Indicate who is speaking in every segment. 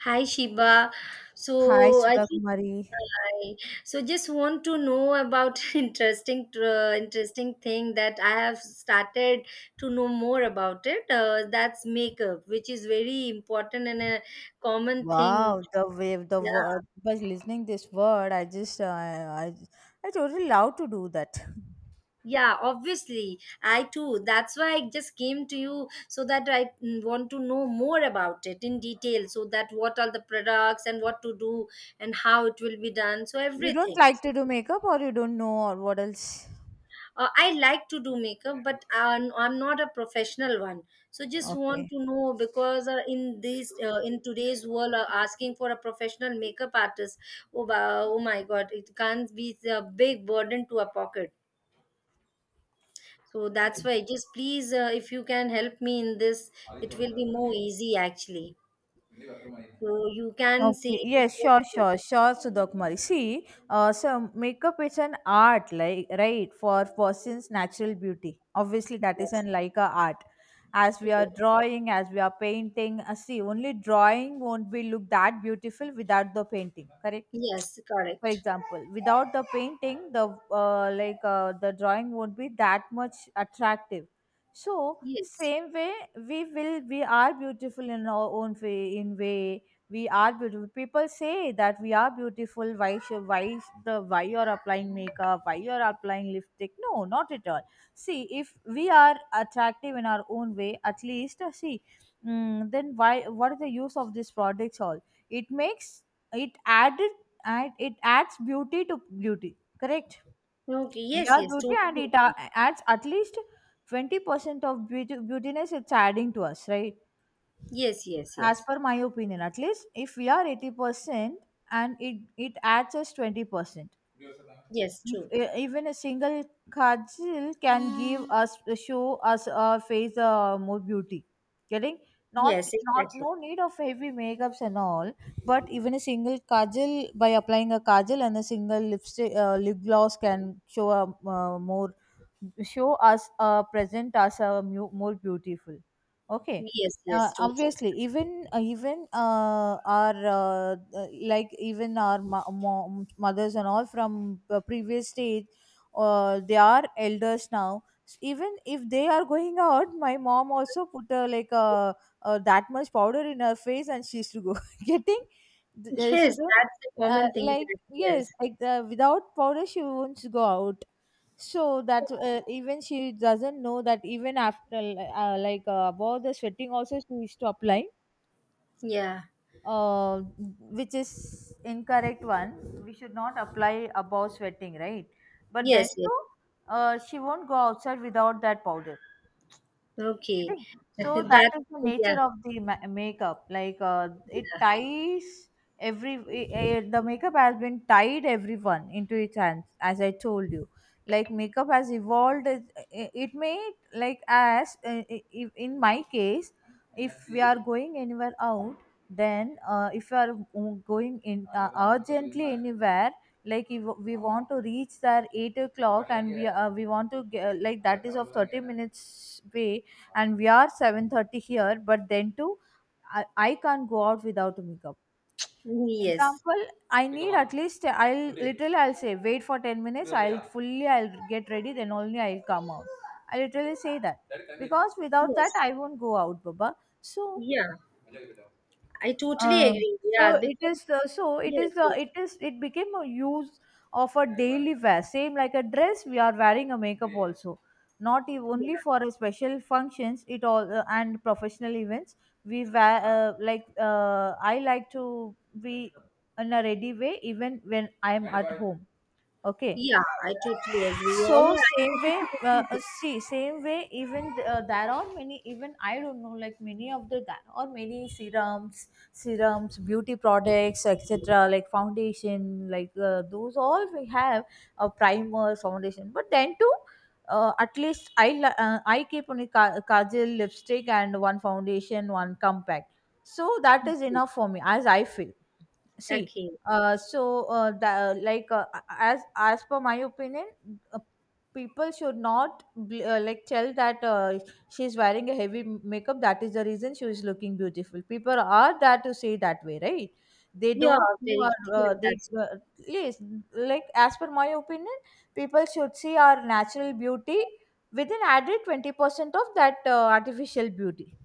Speaker 1: Hi Shiba.
Speaker 2: Hi,
Speaker 1: So I
Speaker 2: Sudha
Speaker 1: think,
Speaker 2: Kumari.
Speaker 1: I so just want to know about interesting thing that I have started to know more about it. That's makeup, which is very important and a common thing.
Speaker 2: Wow, the wave, the
Speaker 1: Yeah,
Speaker 2: word. By listening this word, I just I totally love to do that.
Speaker 1: yeah, obviously. I too. That's why I just came to you so that I want to know more about it in detail. So that what are the products and what to do and how it will be done. So
Speaker 2: You don't
Speaker 1: everything.
Speaker 2: like to do makeup, or you don't know, or what else?
Speaker 1: I like to do makeup, but I'm not a professional one. So just want
Speaker 2: Okay.
Speaker 1: to know because in these in today's world, asking for a professional makeup artist, oh my God, it can't be a big burden to a pocket. So that's why, just please, if you can help me in this, it will be more easy actually. So you can say,
Speaker 2: Okay. Yes. Sure. Sure. Sure. Sudha Kumari. See, so makeup is an art, like right, for person's natural beauty. Obviously, that is
Speaker 1: yes,
Speaker 2: an like a art. As we are drawing, as we are painting, see, only drawing won't be look that beautiful without the painting. Correct,
Speaker 1: yes,
Speaker 2: for
Speaker 1: correct,
Speaker 2: example, without the painting the the drawing won't be that much attractive. So
Speaker 1: yes,
Speaker 2: same way we will we are beautiful in our own way, in way we are beautiful, people say that we are beautiful. Why you're applying makeup, why you're applying lipstick? No, not at all. See, if we are attractive in our own way, at least see, then why, what is the use of these products all? It makes, it added, and it adds beauty to beauty, correct?
Speaker 1: okay,
Speaker 2: We
Speaker 1: yes,
Speaker 2: are
Speaker 1: yes,
Speaker 2: beauty and it
Speaker 1: totally,
Speaker 2: adds at least 20% of beauty, beautiness, it's adding to us, right?
Speaker 1: yes, yes,
Speaker 2: As
Speaker 1: yes,
Speaker 2: per my opinion, at least if we are 80% and it adds us 20%.
Speaker 1: yes,
Speaker 2: If
Speaker 1: true.
Speaker 2: even a single kajal can give us, show us a face, more beauty getting. Not
Speaker 1: Yes,
Speaker 2: not,
Speaker 1: exactly.
Speaker 2: no need of heavy makeups and all, but even a single kajal, by applying a kajal and a single lipstick, lip gloss, can show a, more, show us, present us a more beautiful, okay.
Speaker 1: Yes, yes, totally.
Speaker 2: Obviously, even our even our mom, mothers and all from, previous stage, they are elders now. Even if they are going out, my mom also put, uh, that much powder in her face and she used to go getting.
Speaker 1: Yes,
Speaker 2: She don't,
Speaker 1: that's the common thing,
Speaker 2: like,
Speaker 1: that, yes.
Speaker 2: yes, like, without powder she won't go out. So that, even she doesn't know that even after, uh, about the sweating also she used to apply,
Speaker 1: Yeah.
Speaker 2: uh, which is incorrect one. We should not apply above sweating, right? But then
Speaker 1: Yes, yes.
Speaker 2: too, she won't go outside without that powder. I
Speaker 1: Okay.
Speaker 2: think so. That
Speaker 1: That
Speaker 2: is the
Speaker 1: Yeah,
Speaker 2: nature of the makeup. Like, it
Speaker 1: yeah.
Speaker 2: ties every the makeup has been tied everyone into its hands, as I told you. Like makeup has evolved. It may, like as, uh, in my case, if we are going anywhere out, then, if we are going in, urgently anywhere, like if we want to reach there 8 o'clock and we, we want to get, like that is of 30 minutes way and we are 7:30 here, but then too, I can't go out without a makeup.
Speaker 1: Yes.
Speaker 2: Example, I need at least, I'll literally I'll say wait for 10 minutes, I'll fully I'll get ready, then only I'll come out. I literally say that, because without that
Speaker 1: Yes.
Speaker 2: I won't go out, baba. So,
Speaker 1: Yeah. I totally
Speaker 2: uh,
Speaker 1: agree. Yeah, because
Speaker 2: so it
Speaker 1: yes,
Speaker 2: is
Speaker 1: yes,
Speaker 2: it is, it became a use of a daily wear, same like a dress. We are wearing a makeup also, not
Speaker 1: yeah.
Speaker 2: only for a special functions it all, and professional events. We wear, uh, I like to be in a ready way even when I am at home, okay.
Speaker 1: Yeah, I totally agree. Yeah,
Speaker 2: So
Speaker 1: yeah, I
Speaker 2: same way,
Speaker 1: totally agree.
Speaker 2: see, same way, even there are many, even I don't know, like many of the, there are many serums, serums, beauty products, etc, like foundation, like, those all we have, primer, foundation, but then too, at least I I keep only kajal, lipstick and one foundation, one compact. So that is enough for me, as I feel. See,
Speaker 1: Okay.
Speaker 2: so the, like as per my opinion, uh, people should not like tell that, she's wearing a heavy makeup. That is the reason she is looking beautiful. People are that to say that way, right? They
Speaker 1: Yeah,
Speaker 2: don't know.
Speaker 1: very,
Speaker 2: Our,
Speaker 1: yeah,
Speaker 2: they
Speaker 1: that's
Speaker 2: yes, like, as per my opinion, people should see our natural beauty with an added 20% of that, artificial beauty.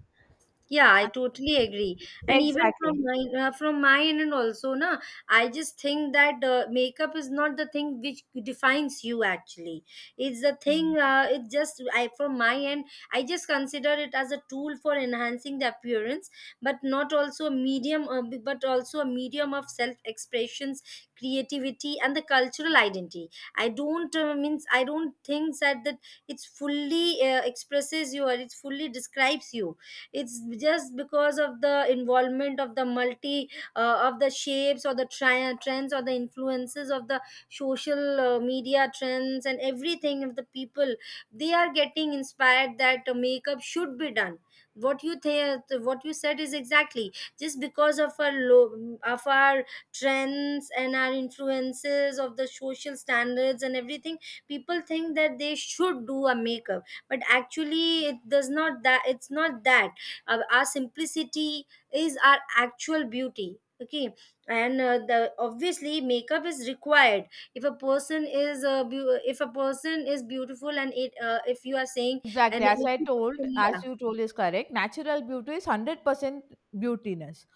Speaker 1: yeah, I totally agree. And even
Speaker 2: Exactly.
Speaker 1: from my end also, na, I just think that makeup is not the thing which defines you actually. It's the thing. It just, I from my end, I just consider it as a tool for enhancing the appearance, but not also a medium, but also a medium of self expressions, creativity, and the cultural identity. I don't Means I don't think that it's fully expresses you, or it fully describes you. It's just because of the involvement of the multi of the shapes or the trends or the influences of the social media trends and everything of the people. They are getting inspired that makeup should be done. What you said is exactly just because of our low, of our trends and our influences of the social standards and everything. People think that they should do a makeup, but actually it does not that, it's not that. Our simplicity is our actual beauty, okay? And the obviously makeup is required if a person is beautiful. And it, if you are saying and
Speaker 2: Exactly. As I told,
Speaker 1: 80%,
Speaker 2: as
Speaker 1: yeah,
Speaker 2: you told is correct. Natural beauty is 100% beautiness,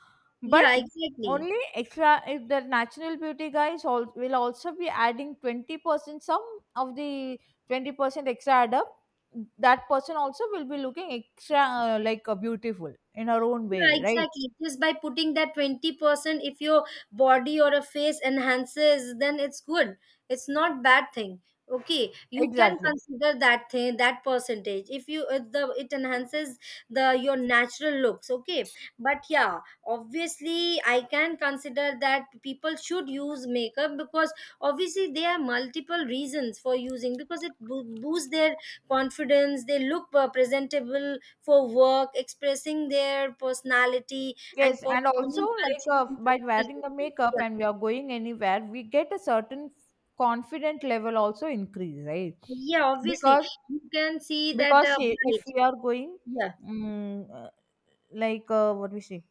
Speaker 2: but
Speaker 1: yeah, exactly.
Speaker 2: only extra if the natural beauty guys all will also be adding 20%. Some of the 20% extra add up, that person also will be looking extra, uh, beautiful in her own
Speaker 1: Yeah,
Speaker 2: way, right?
Speaker 1: exactly. Just by putting that 20%, if your body or a face enhances, then it's good. It's not bad thing. Okay, you can
Speaker 2: Exactly.
Speaker 1: consider that thing, that percentage, if you if the it enhances the your natural looks. Okay, but yeah, obviously I can consider that people should use makeup because obviously there are multiple reasons for using, because it boosts their confidence. They look presentable for work, expressing their personality, and
Speaker 2: Yes, and
Speaker 1: performing
Speaker 2: also, like,
Speaker 1: cultural and
Speaker 2: by wearing
Speaker 1: traditional
Speaker 2: the
Speaker 1: routines.
Speaker 2: makeup
Speaker 1: Yeah.
Speaker 2: and we are going anywhere, we get a certain confident level also increase, right?
Speaker 1: So, yeah, obviously.
Speaker 2: because
Speaker 1: You can see that
Speaker 2: because, if
Speaker 1: brides.
Speaker 2: we are going,
Speaker 1: Yeah.
Speaker 2: mm, uh, like, what we say,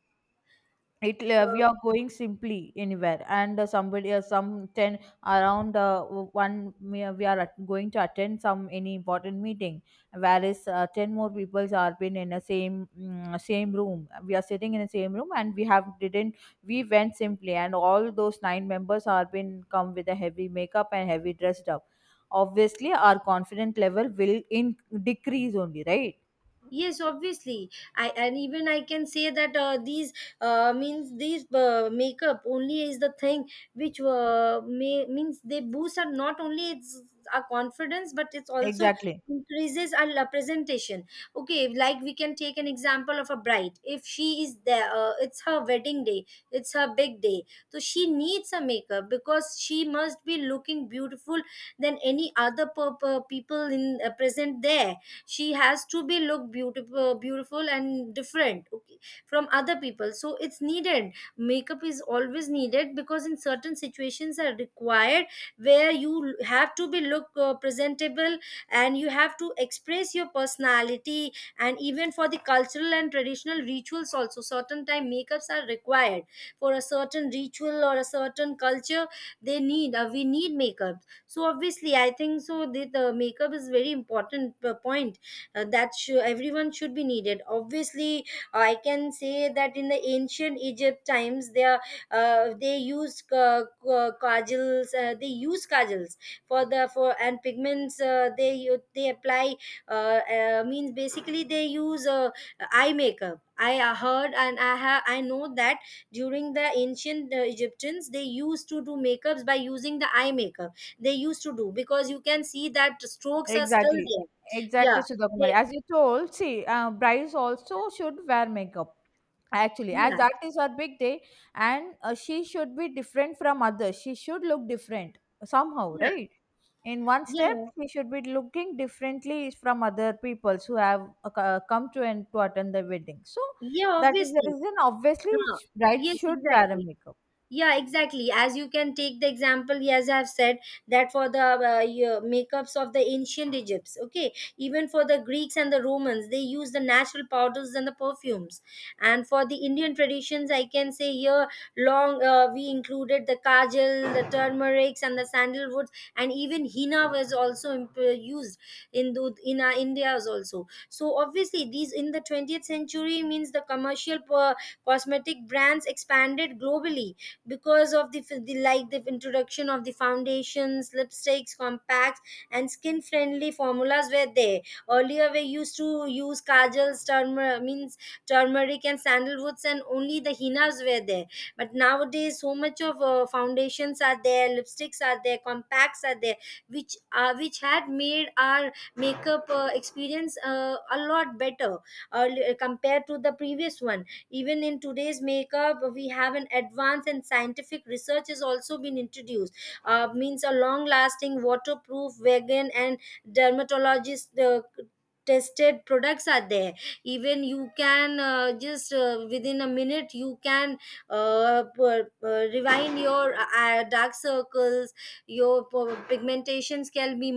Speaker 2: it, we
Speaker 1: Uh,
Speaker 2: are going simply anywhere and, somebody, some 10 around, one, we are going to attend some any important meeting, whereas, 10 more people are been in the same, same room, we are sitting in the same room and we have didn't, we went simply, and all those nine members are been come with a heavy makeup and heavy dressed up. Obviously our confidence level will in decrease only, right?
Speaker 1: yes, obviously. I and Even I can say that these means these makeup only is the thing which means they boost, are not only, it's our confidence, but it's also
Speaker 2: Exactly,
Speaker 1: increases our presentation. Okay, like we can take an example of a bride. If she is there, it's her wedding day, it's her big day, so she needs a makeup because she must be looking beautiful than any other people in present there. She has to be look beautiful and different, okay, from other people, so it's needed. Makeup is always needed because in certain situations are required where you have to be look presentable and you have to express your personality. And even for the cultural and traditional rituals also, certain time makeups are required for a certain ritual or a certain culture. They need, we need makeup. So obviously I think so, the makeup is very important point that should, everyone should be needed, obviously. I can say that in the ancient Egypt times, they used kajals. They use kajals For the for and pigments, they apply. Means basically they use eye makeup, I heard, and I know that during the ancient Egyptians, they used to do makeups by using the eye makeup. They used to do because you can see that strokes are still
Speaker 2: exactly,
Speaker 1: there. Yeah.
Speaker 2: exactly, Sudha
Speaker 1: They.
Speaker 2: Kumari. As you told, see, brides also should wear makeup. Actually, as
Speaker 1: Yeah,
Speaker 2: that is her big day, and, she should be different from others. She should look different somehow,
Speaker 1: yeah,
Speaker 2: right? In one step,
Speaker 1: yeah,
Speaker 2: she should be looking differently from other peoples who have, uh, come to and to attend the wedding. So
Speaker 1: yeah,
Speaker 2: that is the
Speaker 1: obviously.
Speaker 2: reason. Obviously,
Speaker 1: No,
Speaker 2: bride
Speaker 1: yes,
Speaker 2: should wear a
Speaker 1: exactly.
Speaker 2: makeup.
Speaker 1: Yeah, exactly, as you can take the example, as I have said, that for the makeups of the ancient Egypts. Okay, even for the Greeks and the Romans, they use the natural powders and the perfumes. And for the Indian traditions, I can say here long, we included the kajal, the turmerics and the sandalwoods, and even henna was also used in in our India's also. So obviously these, in the 20th century, means the commercial cosmetic brands expanded globally because of the like the introduction of the foundations, lipsticks, compacts, and skin friendly formulas were there. Earlier we used to use kajals, turmeric means turmeric and sandalwoods, and only the hinas were there. But nowadays, so much of foundations are there, lipsticks are there, compacts are there, which had made our makeup experience a lot better, uh, compared to the previous one. Even in today's makeup, we have an advanced and scientific research has also been introduced. Means a long lasting, waterproof, vegan, and dermatologist tested products are there. Even you can just within a minute you can rewind your dark circles, your pigmentations can be,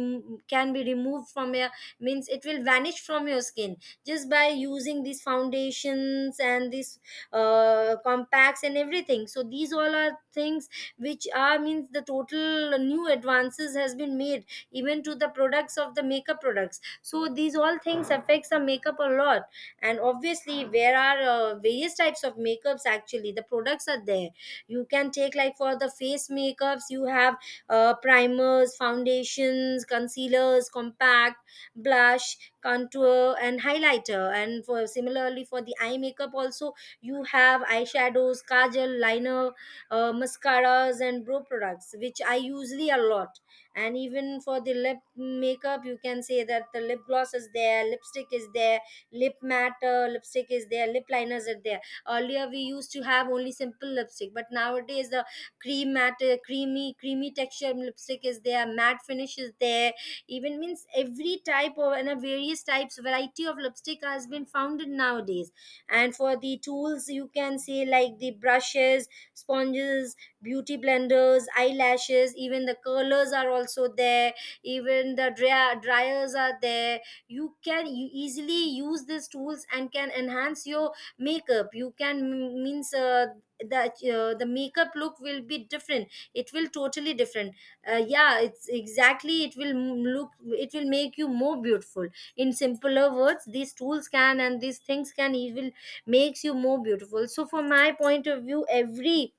Speaker 1: can be removed from your, means it will vanish from your skin, just by using these foundations and these compacts and everything. So these all are things which are, means the total new advances has been made even to the products of the makeup products. So these all things affects the makeup a lot. And obviously, there are various types of makeups, actually, the products are there. You can take, like for the face makeups, you have primers, foundations, concealers, compact, blush, contour, and highlighter. And for similarly for the eye makeup also, you have eyeshadows, kajal, liner, mascaras, and brow products, which I usually a lot. And even for the lip makeup, you can say that the lip gloss is there, lipstick is there, lip matte lipstick is there, lip liners are there. Earlier we used to have only simple lipstick, but nowadays the cream matte, creamy texture lipstick is there, matte finish is there. Even means every type of, and a various types, variety of lipstick has been founded nowadays. And for the tools, you can say, like the brushes, sponges, beauty blenders, eyelashes, even the curlers are also there, even the dryers are there. You easily use these tools and can enhance your makeup. You can means the the makeup look will be different, it will totally different. Yeah, it's exactly, it will look, it will make you more beautiful. In simpler words, these tools can, and these things can, it will makes you more beautiful. So from my point of view, every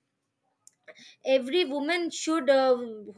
Speaker 1: every woman should,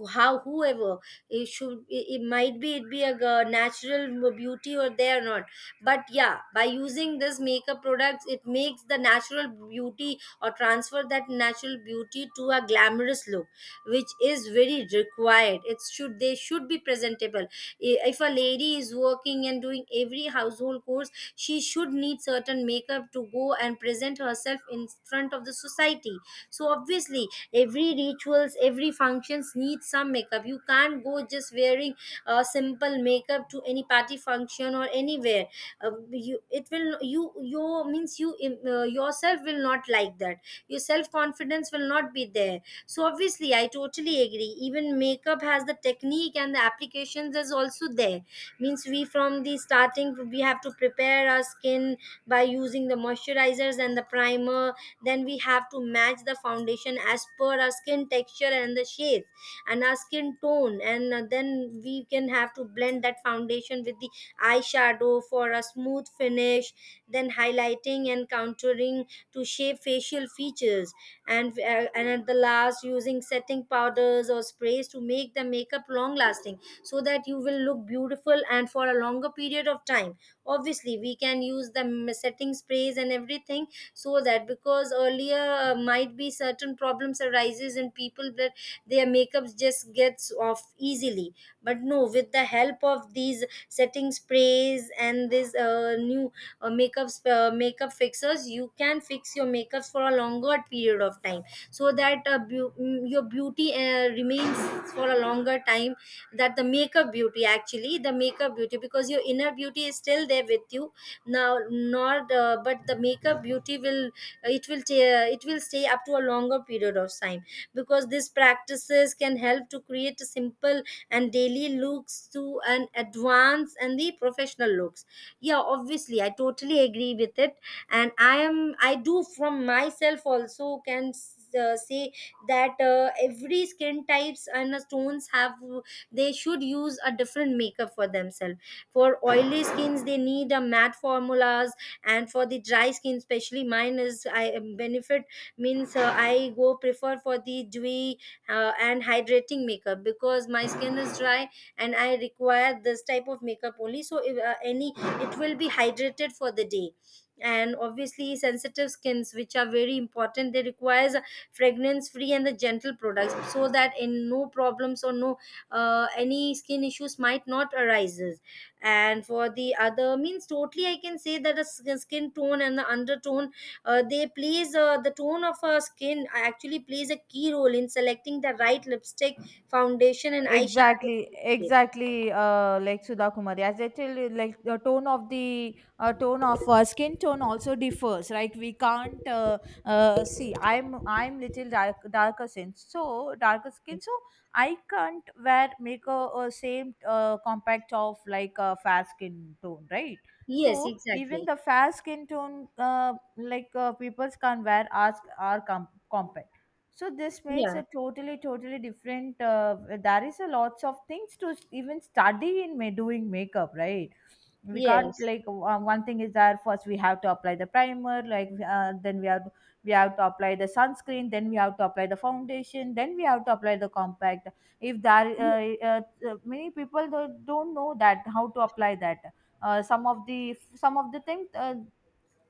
Speaker 1: how, whoever it should, it might be, it be a natural beauty or they are not, but yeah, by using this makeup products, it makes the natural beauty or transfer that natural beauty to a glamorous look, which is very required. It should, they should be presentable. If a lady is working and doing every household course, she should need certain makeup to go and present herself in front of the society. So obviously every rituals, every functions need some makeup. You can't go just wearing a simple makeup to any party function or anywhere. You, it will you means you, yourself will not like that, your self confidence will not be there. So obviously I totally agree. Even makeup has the technique, and the applications is also there. Means we, from the starting, we have to prepare our skin by using the moisturizers and the primer, then we have to match the foundation as per our skin texture and the shape and our skin tone, and then we can have to blend that foundation with the eyeshadow for a smooth finish. Then highlighting and contouring to shape facial features, and at the last, using setting powders or sprays to make the and makeup long lasting, so that you will look beautiful and for a longer period of time. Obviously, we can use the setting sprays and everything, so that, because earlier might be Certain problems arises in people that their makeups just gets off easily. But no, with the help of these setting sprays and this new makeup makeup fixers, you can fix your makeups for a longer period of time, so that your beauty remains for a longer time. That the makeup beauty, actually the makeup beauty, because your inner beauty is still there with you now, not but the makeup beauty will, it will stay up to a longer period of time, because these practices can help to create a simple and daily looks to an advanced and the professional looks. Yeah, obviously I totally agree with it. And I do from myself also can say that every skin types and tones have, they should use a different makeup for themselves. For oily skins, they need a matte formulas. And for the dry skin, especially mine is, I benefit, means I go prefer for the dewy and hydrating makeup, because my skin is dry and I require this type of makeup only. So if any, it will be hydrated for the day. And obviously sensitive skins, which are very important, they requires fragrance free and the gentle products, so that in no problems or no any skin issues might not arises. And for the other means, totally I can say that skin tone and the undertone, they plays, the tone of our skin actually plays a key role in selecting the right lipstick, foundation and eyeshadow
Speaker 2: Exactly,
Speaker 1: shade.
Speaker 2: exactly. Like Sudha Kumari, as I tell you, like the tone of the, tone of, skin tone also differs, right? We can't see. I'm little dark, darker skin, so I can't wear make a same, compact of like a fair skin tone, right?
Speaker 1: Yes,
Speaker 2: So
Speaker 1: exactly.
Speaker 2: even the fair skin tone, like, people can wear ask are compact, so this makes
Speaker 1: Yeah.
Speaker 2: a totally, totally different. There is a lots of things to even study in doing makeup, right? We can't
Speaker 1: Yes,
Speaker 2: like one thing is that first we have to apply the primer, like, then we have to apply the sunscreen, then we have to apply the foundation, then we have to apply the compact. If there uh, many people don't know that how to apply that. Some of the things,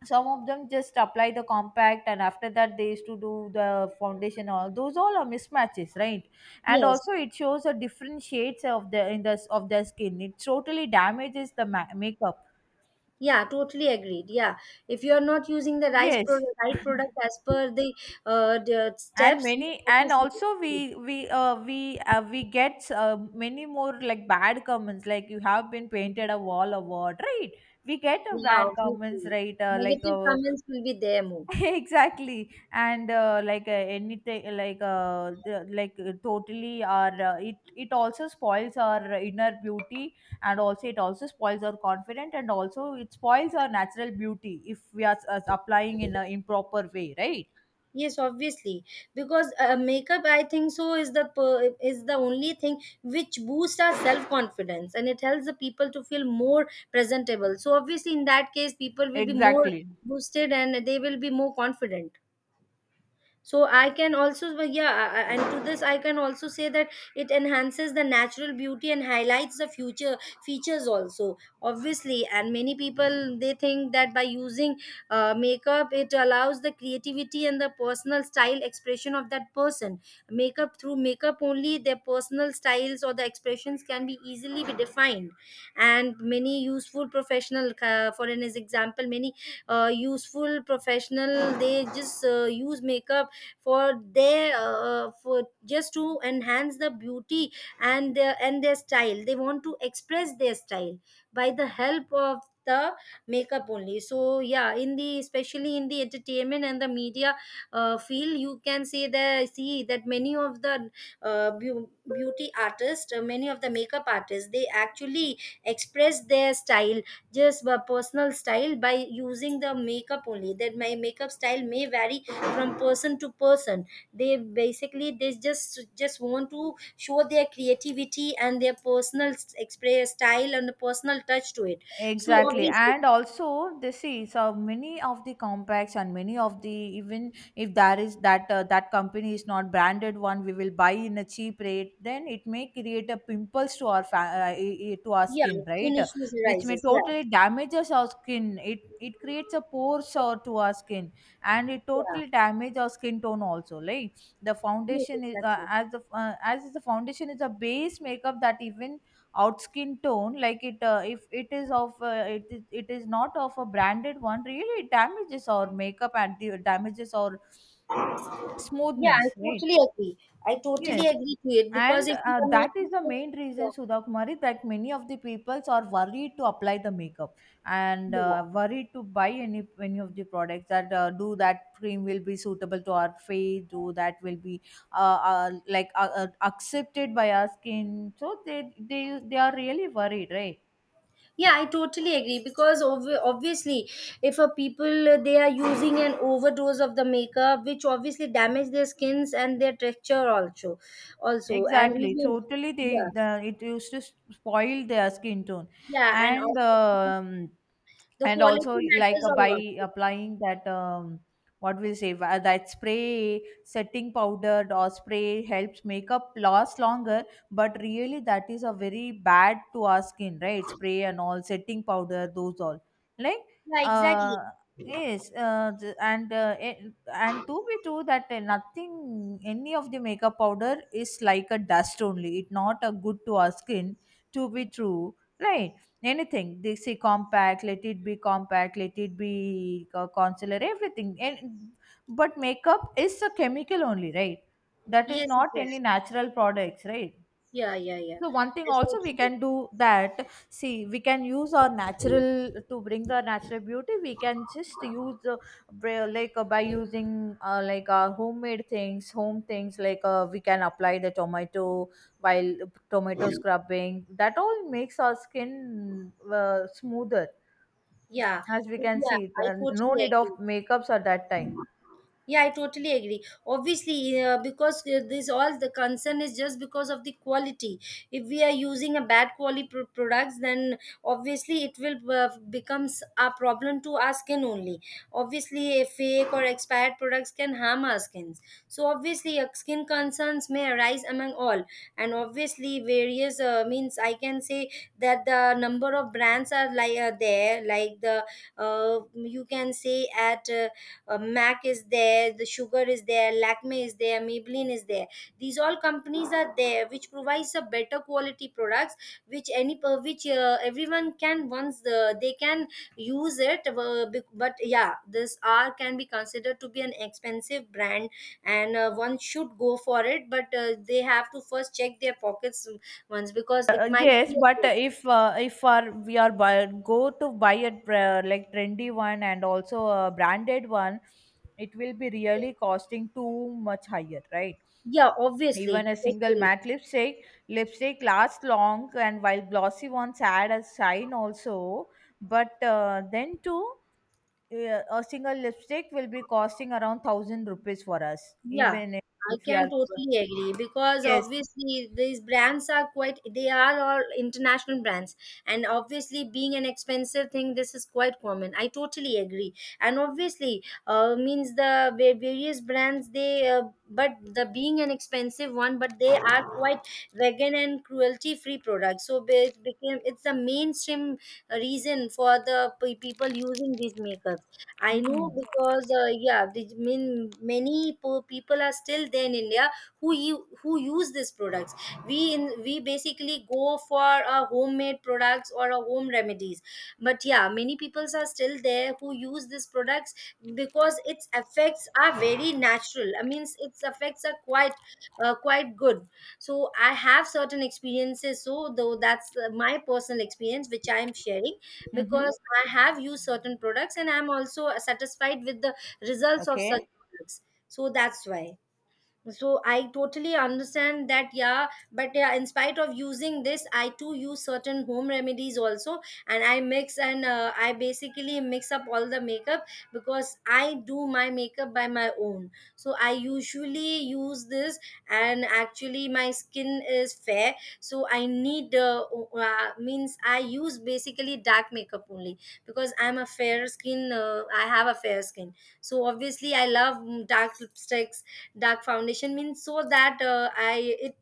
Speaker 2: some of them just apply the compact and after that they used to do the foundation, all those all are mismatches, right? And
Speaker 1: yes.
Speaker 2: also it shows the different shades of the in the of their skin, it totally damages the makeup.
Speaker 1: Yeah, totally agreed, yeah. If you are not using the
Speaker 2: Yes,
Speaker 1: right product as per the
Speaker 2: and
Speaker 1: steps.
Speaker 2: many, and
Speaker 1: Obviously.
Speaker 2: also we get, many more like bad comments, like you have been painted a wall or what, right? We get a
Speaker 1: Yeah,
Speaker 2: bad
Speaker 1: obviously.
Speaker 2: comments, right, uh, like
Speaker 1: Negative
Speaker 2: uh,
Speaker 1: comments will be there more.
Speaker 2: Exactly, and, uh, anything like, uh, totally our, it it also spoils our inner beauty, and also it also spoils our confidence, and also it spoils our natural beauty if we are, applying in an improper way, right?
Speaker 1: Yes, obviously, because makeup, I think so, is the only thing which boosts our self confidence and it helps the people to feel more presentable. So obviously, in that case, people will be more
Speaker 2: Exactly.
Speaker 1: boosted and they will be more confident. So I can also, and to this I can also say that it enhances the natural beauty and highlights the future features also, obviously. And many people, they think that by using makeup, it allows the creativity and the personal style expression of that person. Makeup, through makeup only, their personal styles or the expressions can be easily be defined. And many useful professional, for an example, many useful professional, they just use makeup for their for just to enhance the beauty and their, and their style, they want to express their style by the help of the makeup only. So yeah, in the, especially in the entertainment and the media field, you can say that, see that many of the beauty artists, many of the makeup artists, they actually express their style just by personal style, by using the makeup only. That my makeup style may vary from person to person. They basically, they just want to show their creativity and their express style and the personal touch to it. So
Speaker 2: Exactly,
Speaker 1: obviously,
Speaker 2: and also this is so many of the compacts and many of the even if there is that, that company is not branded one, we will buy in a cheap rate. Then it may create a pimples to our to our
Speaker 1: yeah,
Speaker 2: skin,
Speaker 1: skin
Speaker 2: right?
Speaker 1: issues
Speaker 2: Which may
Speaker 1: arises, yeah.
Speaker 2: totally damages our skin. It creates a pores or to our skin, and it
Speaker 1: Yeah.
Speaker 2: totally damage our skin tone also. Like the
Speaker 1: Yes,
Speaker 2: foundation is, uh,
Speaker 1: exactly.
Speaker 2: as the uh, as the foundation is a base makeup, that even out skin tone like it, if it is of, uh, it is not of a branded one, really it damages our makeup and damages our
Speaker 1: Yeah, I
Speaker 2: smoothness, right?
Speaker 1: totally agree. I totally
Speaker 2: Yes,
Speaker 1: agree to it, because
Speaker 2: and,
Speaker 1: if you are not.
Speaker 2: that is the main
Speaker 1: Yeah,
Speaker 2: reason, Sudha Kumari, that many of the peoples are worried to apply the makeup, and,
Speaker 1: yeah.
Speaker 2: worried to buy any of the products, that, do that cream will be suitable to our face, do that will be, uh, accepted by our skin, so they are really worried, right?
Speaker 1: Yeah, I totally agree because obviously, if a people they are using an overdose of the makeup, which obviously damage their skins and their texture also. Also and
Speaker 2: Exactly,
Speaker 1: even.
Speaker 2: totally.
Speaker 1: Yeah.
Speaker 2: They the, it used to spoil their skin tone,
Speaker 1: Yeah, and
Speaker 2: and,
Speaker 1: obviously the
Speaker 2: and
Speaker 1: quality
Speaker 2: also, like,
Speaker 1: matters a
Speaker 2: by
Speaker 1: lot.
Speaker 2: applying that, what we'll say, that spray setting powder or spray helps makeup last longer. But really, that is a very bad to our skin, right? Spray and all setting powder, those all like
Speaker 1: Yeah, exactly.
Speaker 2: uh yes and to be true that nothing any of the makeup powder is like a dust only, it not a good to our skin, to be true, right? Anything they say compact, let it be compact, let it be concealer, everything. And but makeup is a chemical only, right? That is
Speaker 1: Yes,
Speaker 2: not any
Speaker 1: exactly.
Speaker 2: natural products, right?
Speaker 1: Yeah, yeah, yeah.
Speaker 2: So one thing
Speaker 1: i
Speaker 2: also we
Speaker 1: totally
Speaker 2: can do that, see, we can use our natural to bring the natural beauty. We can just use like by using like homemade things, home things, like we can apply the tomato, while tomato scrubbing. That all makes our skin smoother,
Speaker 1: Yeah,
Speaker 2: as we can
Speaker 1: yeah,
Speaker 2: see.
Speaker 1: I
Speaker 2: No
Speaker 1: totally
Speaker 2: need of
Speaker 1: agree.
Speaker 2: makeups at that time.
Speaker 1: Yeah, I totally agree. Obviously, because this all the concern is just because of the quality. If we are using a bad quality products, then obviously it will becomes a problem to our skin only. Obviously, a fake or expired products can harm our skins. So obviously, skin concerns may arise among all, and obviously various means I can say that the number of brands are like there, like the you can say at. Mac is there, the Sugar is there, Lakme is there, Maybelline is there. These all companies are there, which provides a better quality products, which any per which everyone can once the, they can use it. But yeah, this R can be considered to be an expensive brand, and one should go for it. But they have to first check their pockets once because it might
Speaker 2: Yes,
Speaker 1: be. A,
Speaker 2: but
Speaker 1: good.
Speaker 2: if our, we are buy, go to buy a like trendy one and also a branded one, it will be really costing too much higher, right?
Speaker 1: Yeah, obviously.
Speaker 2: Even a single matte lipstick, lipstick lasts long, and while glossy ones add a shine also, but then too, a single lipstick will be costing around thousand rupees for us,
Speaker 1: Yeah,
Speaker 2: even if
Speaker 1: I
Speaker 2: we are
Speaker 1: can totally agree because
Speaker 2: yes.
Speaker 1: obviously these brands are quite, they are all international brands, and obviously being an expensive thing, this is quite common. I totally agree, and obviously, means the various brands they, but the being an expensive one, but they are quite vegan and cruelty free products. So it became it's the mainstream reason for the people using these makeups. I know
Speaker 2: Mm-hmm.
Speaker 1: because yeah, the, mean many people are still there in India who who use these products. We in we basically go for a homemade products or a home remedies. But yeah, many peoples are still there who use these products because its effects are very natural. I mean, its effects are quite quite good. So I have certain experiences. So though that's my personal experience which I am sharing
Speaker 2: Mm-hmm.
Speaker 1: because I have used certain products and I'm also satisfied with the results of such
Speaker 2: Okay.
Speaker 1: products. So that's why. So I totally understand that. Yeah, but yeah, in spite of using this, I too use certain home remedies also, and I mix and I basically mix up all the makeup because I do my makeup by my own, so I usually use this. And actually my skin is fair, so I need means I use basically dark makeup only because I'm a fair skin, I have a fair skin. So obviously I love dark lipsticks, dark foundation means, so that I it,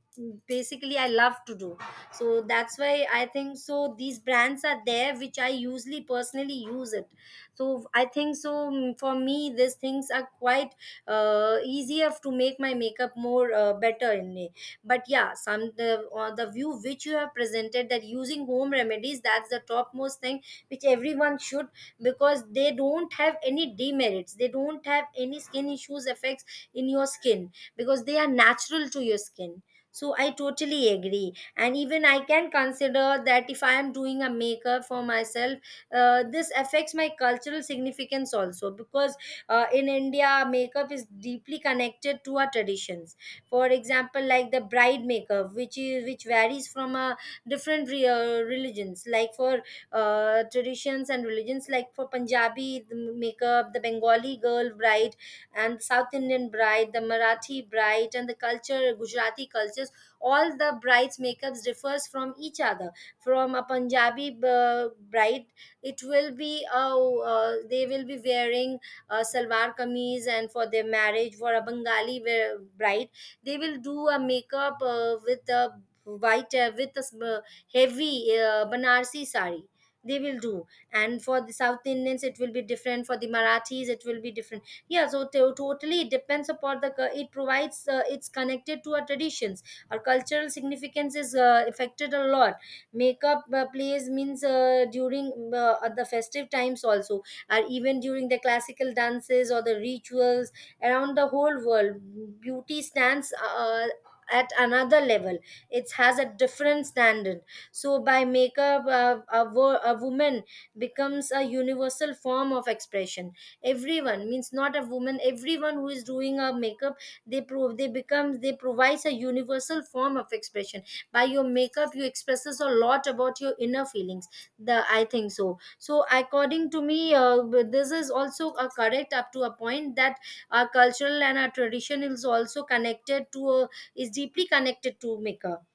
Speaker 1: basically I love to do. So that's why I think so these brands are there which I usually personally use it. So I think so, for me these things are quite easier to make my makeup more better in me. But yeah, some the view which you have presented that using home remedies, that's the topmost thing which everyone should, because they don't have any demerits, they don't have any skin issues effects in your skin because they are natural to your skin. So I totally agree, and even I can consider that if I am doing a makeup for myself, this affects my cultural significance also because in India, makeup is deeply connected to our traditions. For example, like the bride makeup, which is, which varies from a different religions, like for traditions and religions, like for Punjabi, the makeup, the Bengali girl bride, and South Indian bride, the Marathi bride and the culture Gujarati cultures, all the brides makeups differs from each other. From a Punjabi bride, it will be, they will be wearing salwar kameez. And for their marriage, for a bride, they will do a makeup with a white, heavy Banarsi sari they will do. And for the South Indians, it will be different. For the Marathis, it will be different. Yeah, so totally it depends upon the it provides, it's connected to our traditions. Our cultural significance is affected a lot. Makeup plays means during at the festive times also, or even during the classical dances or the rituals. Around the whole world, beauty stands at another level. It has a different standard. So by makeup, a woman becomes a universal form of expression. Everyone means, not a woman, everyone who is doing a makeup, they prove, they become, they provides a universal form of expression. By your makeup, you expresses a lot about your inner feelings. The, I think so, so according to me, this is also a correct up to a point that our cultural and our tradition is also connected to is deeply connected to makeup.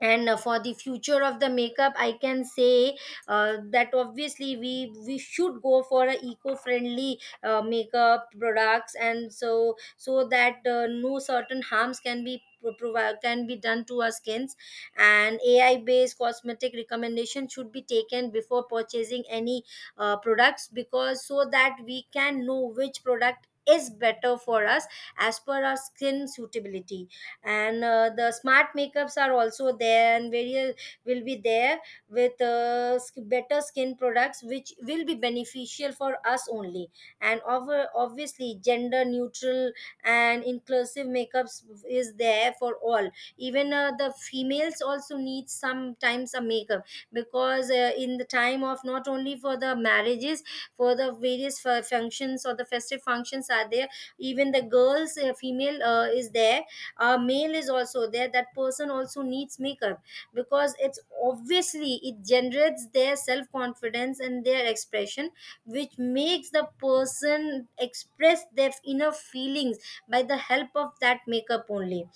Speaker 1: And for the future of the makeup, I can say that obviously we should go for a eco-friendly makeup products and, so so that no certain harms can be can be done to our skins. And AI based cosmetic recommendation should be taken before purchasing any products, because so that we can know which product is better for us as per our skin suitability. And the smart makeups are also there, and various will be there with better skin products which will be beneficial for us only. And over, obviously gender neutral and inclusive makeups is there for all. Even the females also need sometimes a makeup, because in the time of, not only for the marriages, for the various functions or the festive functions are there. Even the girls, female is there, male is also there, that person also needs makeup. Because it's obviously, it generates their self confidence and their expression, which makes the person express their inner feelings by the help of that makeup only.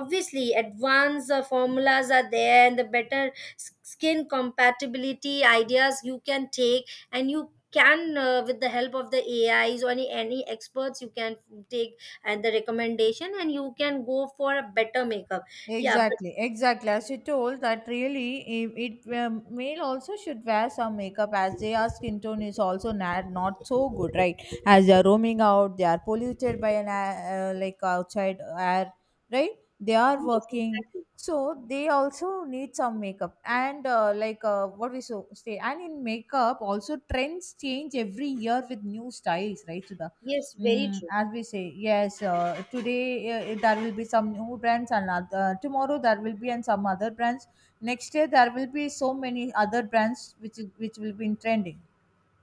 Speaker 1: Obviously advanced formulas are there, and the better skin compatibility ideas you can take, and you can with the help of the AIs, or any experts you can take, and the recommendation, and you can go for a better makeup. Yeah, but.
Speaker 2: Exactly, exactly. As you told, that really it male also should wear some makeup as their skin tone is also not not so good, right? As they are roaming out, they are polluted by an air, like outside air, right? They are
Speaker 1: Yes,
Speaker 2: working,
Speaker 1: exactly.
Speaker 2: so they also need some makeup. And like what we so say, and in makeup also trends change every year with new styles, right, Sudha?
Speaker 1: Yes, very
Speaker 2: Mm,
Speaker 1: true.
Speaker 2: as we say, yes, today there will be some new brands, and tomorrow there will be and some other brands. Next year there will be so many other brands which which will be in trending.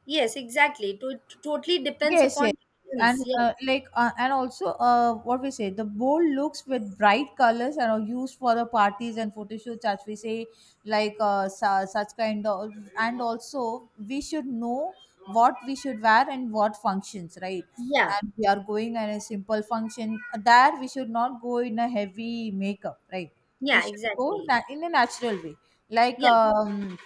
Speaker 1: Yes, exactly to, totally depends
Speaker 2: Yes,
Speaker 1: upon
Speaker 2: yes,
Speaker 1: the preference.
Speaker 2: and
Speaker 1: Yeah.
Speaker 2: like and also what we say, the bold looks with bright colors are used for the parties and photo shoots, as we say like such kind of. And also we should know what we should wear and what functions, right?
Speaker 1: Yeah.
Speaker 2: And we are going at a simple function, there we should not go in a heavy makeup, right? We
Speaker 1: Yeah,
Speaker 2: should go
Speaker 1: exactly.
Speaker 2: in a natural way, like
Speaker 1: Yeah,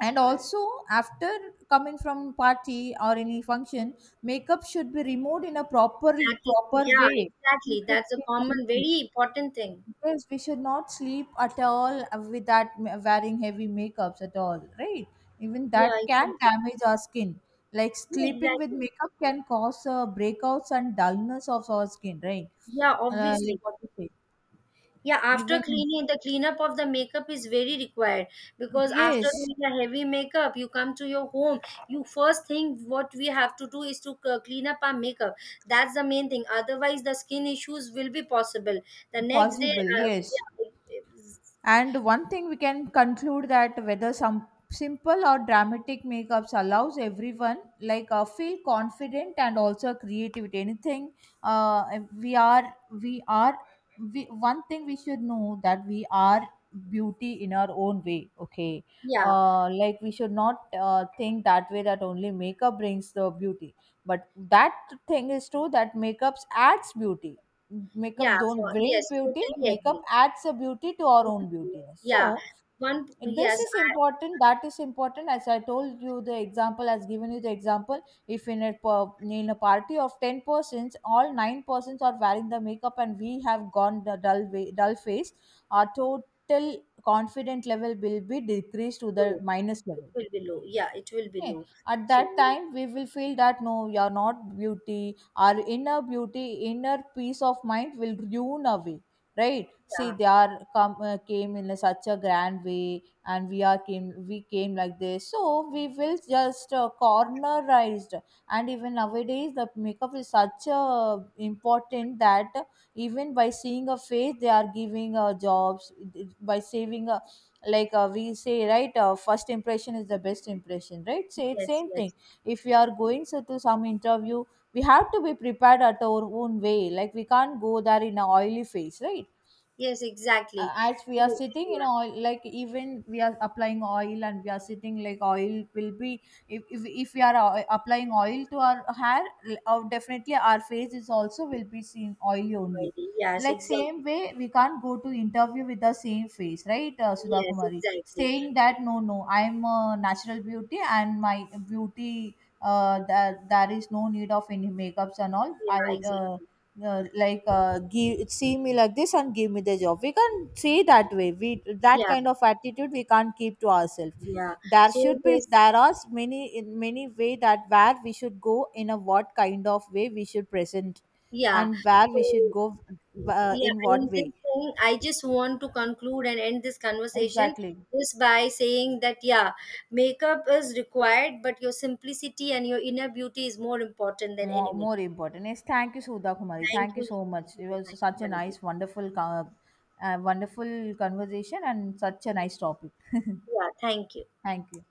Speaker 2: and also after coming from party or any function, makeup should be removed in a proper
Speaker 1: exactly.
Speaker 2: proper
Speaker 1: Yeah,
Speaker 2: way,
Speaker 1: exactly,
Speaker 2: keep it
Speaker 1: that's a common
Speaker 2: healthy.
Speaker 1: very important thing.
Speaker 2: Yes, we should not sleep at all with that wearing heavy makeups at all, right? Even
Speaker 1: Yeah,
Speaker 2: that can
Speaker 1: exactly.
Speaker 2: damage our skin, like
Speaker 1: Yeah,
Speaker 2: sleeping with
Speaker 1: exactly.
Speaker 2: makeup can cause breakouts and dullness of our skin, right?
Speaker 1: Yeah, obviously.
Speaker 2: Like what you say,
Speaker 1: Yeah, after
Speaker 2: even
Speaker 1: cleaning, the cleanup of the makeup is very required, because after
Speaker 2: yes,
Speaker 1: doing a heavy makeup, you come to your home. You first thing what we have to do is to clean up our makeup. That's the main thing. Otherwise, the skin issues will be possible. The next day,
Speaker 2: possible, yes.
Speaker 1: yeah.
Speaker 2: And one thing we can conclude that whether some simple or dramatic makeups allows everyone like feel confident and also creativity. Anything uh, we are, we are, we one thing we should know that we are beauty in our own way. Okay,
Speaker 1: yeah,
Speaker 2: like we should not think that way that only makeup brings the beauty, but that thing is true that makeups adds beauty. Makeup
Speaker 1: yeah,
Speaker 2: don't
Speaker 1: for, yes,
Speaker 2: bring beauty,
Speaker 1: totally
Speaker 2: makeup
Speaker 1: agree.
Speaker 2: adds a beauty to our
Speaker 1: Totally.
Speaker 2: own beautiness.
Speaker 1: Yeah,
Speaker 2: So
Speaker 1: one,
Speaker 2: this
Speaker 1: yes,
Speaker 2: is
Speaker 1: I
Speaker 2: important, that is important. As I told you the example, as given you the example, if in a in a party of 10 persons, all 9 persons are wearing the makeup and we have gone the dull way, dull face, our total confident level will be decreased to the
Speaker 1: low.
Speaker 2: minus
Speaker 1: It
Speaker 2: level.
Speaker 1: will be low. Yeah, it will be
Speaker 2: Okay.
Speaker 1: low.
Speaker 2: At
Speaker 1: So,
Speaker 2: that time, we will feel that no, you're not beauty. Our inner beauty, inner peace of mind will ruin away. Right? See,
Speaker 1: yeah.
Speaker 2: they are come came in a such a grand way, and we are came we came like this. So we will just cornerized. And even nowadays, the makeup is such important that even by seeing a face, they are giving jobs, by saving a like we say, right, first impression is the best impression, right, say it's
Speaker 1: Yes,
Speaker 2: same thing.
Speaker 1: yes.
Speaker 2: If we are going so, to some interview, we have to be prepared at our own way, like we can't go there in a oily face, right?
Speaker 1: Yes, exactly.
Speaker 2: As we are
Speaker 1: Mm.
Speaker 2: sitting in
Speaker 1: Yeah.
Speaker 2: oil, like even we are applying oil and we are sitting like oil will be. If, if we are applying oil to our hair, definitely our face is also will be seen oily only.
Speaker 1: Heidi. Yes,
Speaker 2: Like same
Speaker 1: exactly.
Speaker 2: way, we can't go to interview with the same face, right? Sudha
Speaker 1: Yes,
Speaker 2: Kumari
Speaker 1: exactly.
Speaker 2: saying that no no I'm a natural beauty and my beauty, that there is no need of any makeups and all.
Speaker 1: Yeah,
Speaker 2: I
Speaker 1: exactly.
Speaker 2: uh, like give, see me like this and give me the job, we can't say that way, we that
Speaker 1: Yeah,
Speaker 2: kind of attitude we can't keep to ourselves.
Speaker 1: yeah.
Speaker 2: There
Speaker 1: So
Speaker 2: should be,
Speaker 1: this,
Speaker 2: there are many, in many way that where we should go in a what kind of way we should present
Speaker 1: yeah.
Speaker 2: and where
Speaker 1: So
Speaker 2: we should go,
Speaker 1: yeah,
Speaker 2: in
Speaker 1: in
Speaker 2: what
Speaker 1: this
Speaker 2: way.
Speaker 1: thing, I just want to conclude and end this conversation
Speaker 2: Exactly,
Speaker 1: just by saying that yeah, makeup is required, but your simplicity and your inner beauty is more important than
Speaker 2: more,
Speaker 1: any makeup.
Speaker 2: more important, yes. Thank you, Sudha Kumari,
Speaker 1: Thank
Speaker 2: thank you
Speaker 1: you.
Speaker 2: so much.
Speaker 1: Thank
Speaker 2: It
Speaker 1: you. Thank
Speaker 2: was
Speaker 1: you.
Speaker 2: such
Speaker 1: Have
Speaker 2: a
Speaker 1: a nice day.
Speaker 2: nice wonderful wonderful conversation and such a nice topic.
Speaker 1: Yeah, thank you.
Speaker 2: Thank you.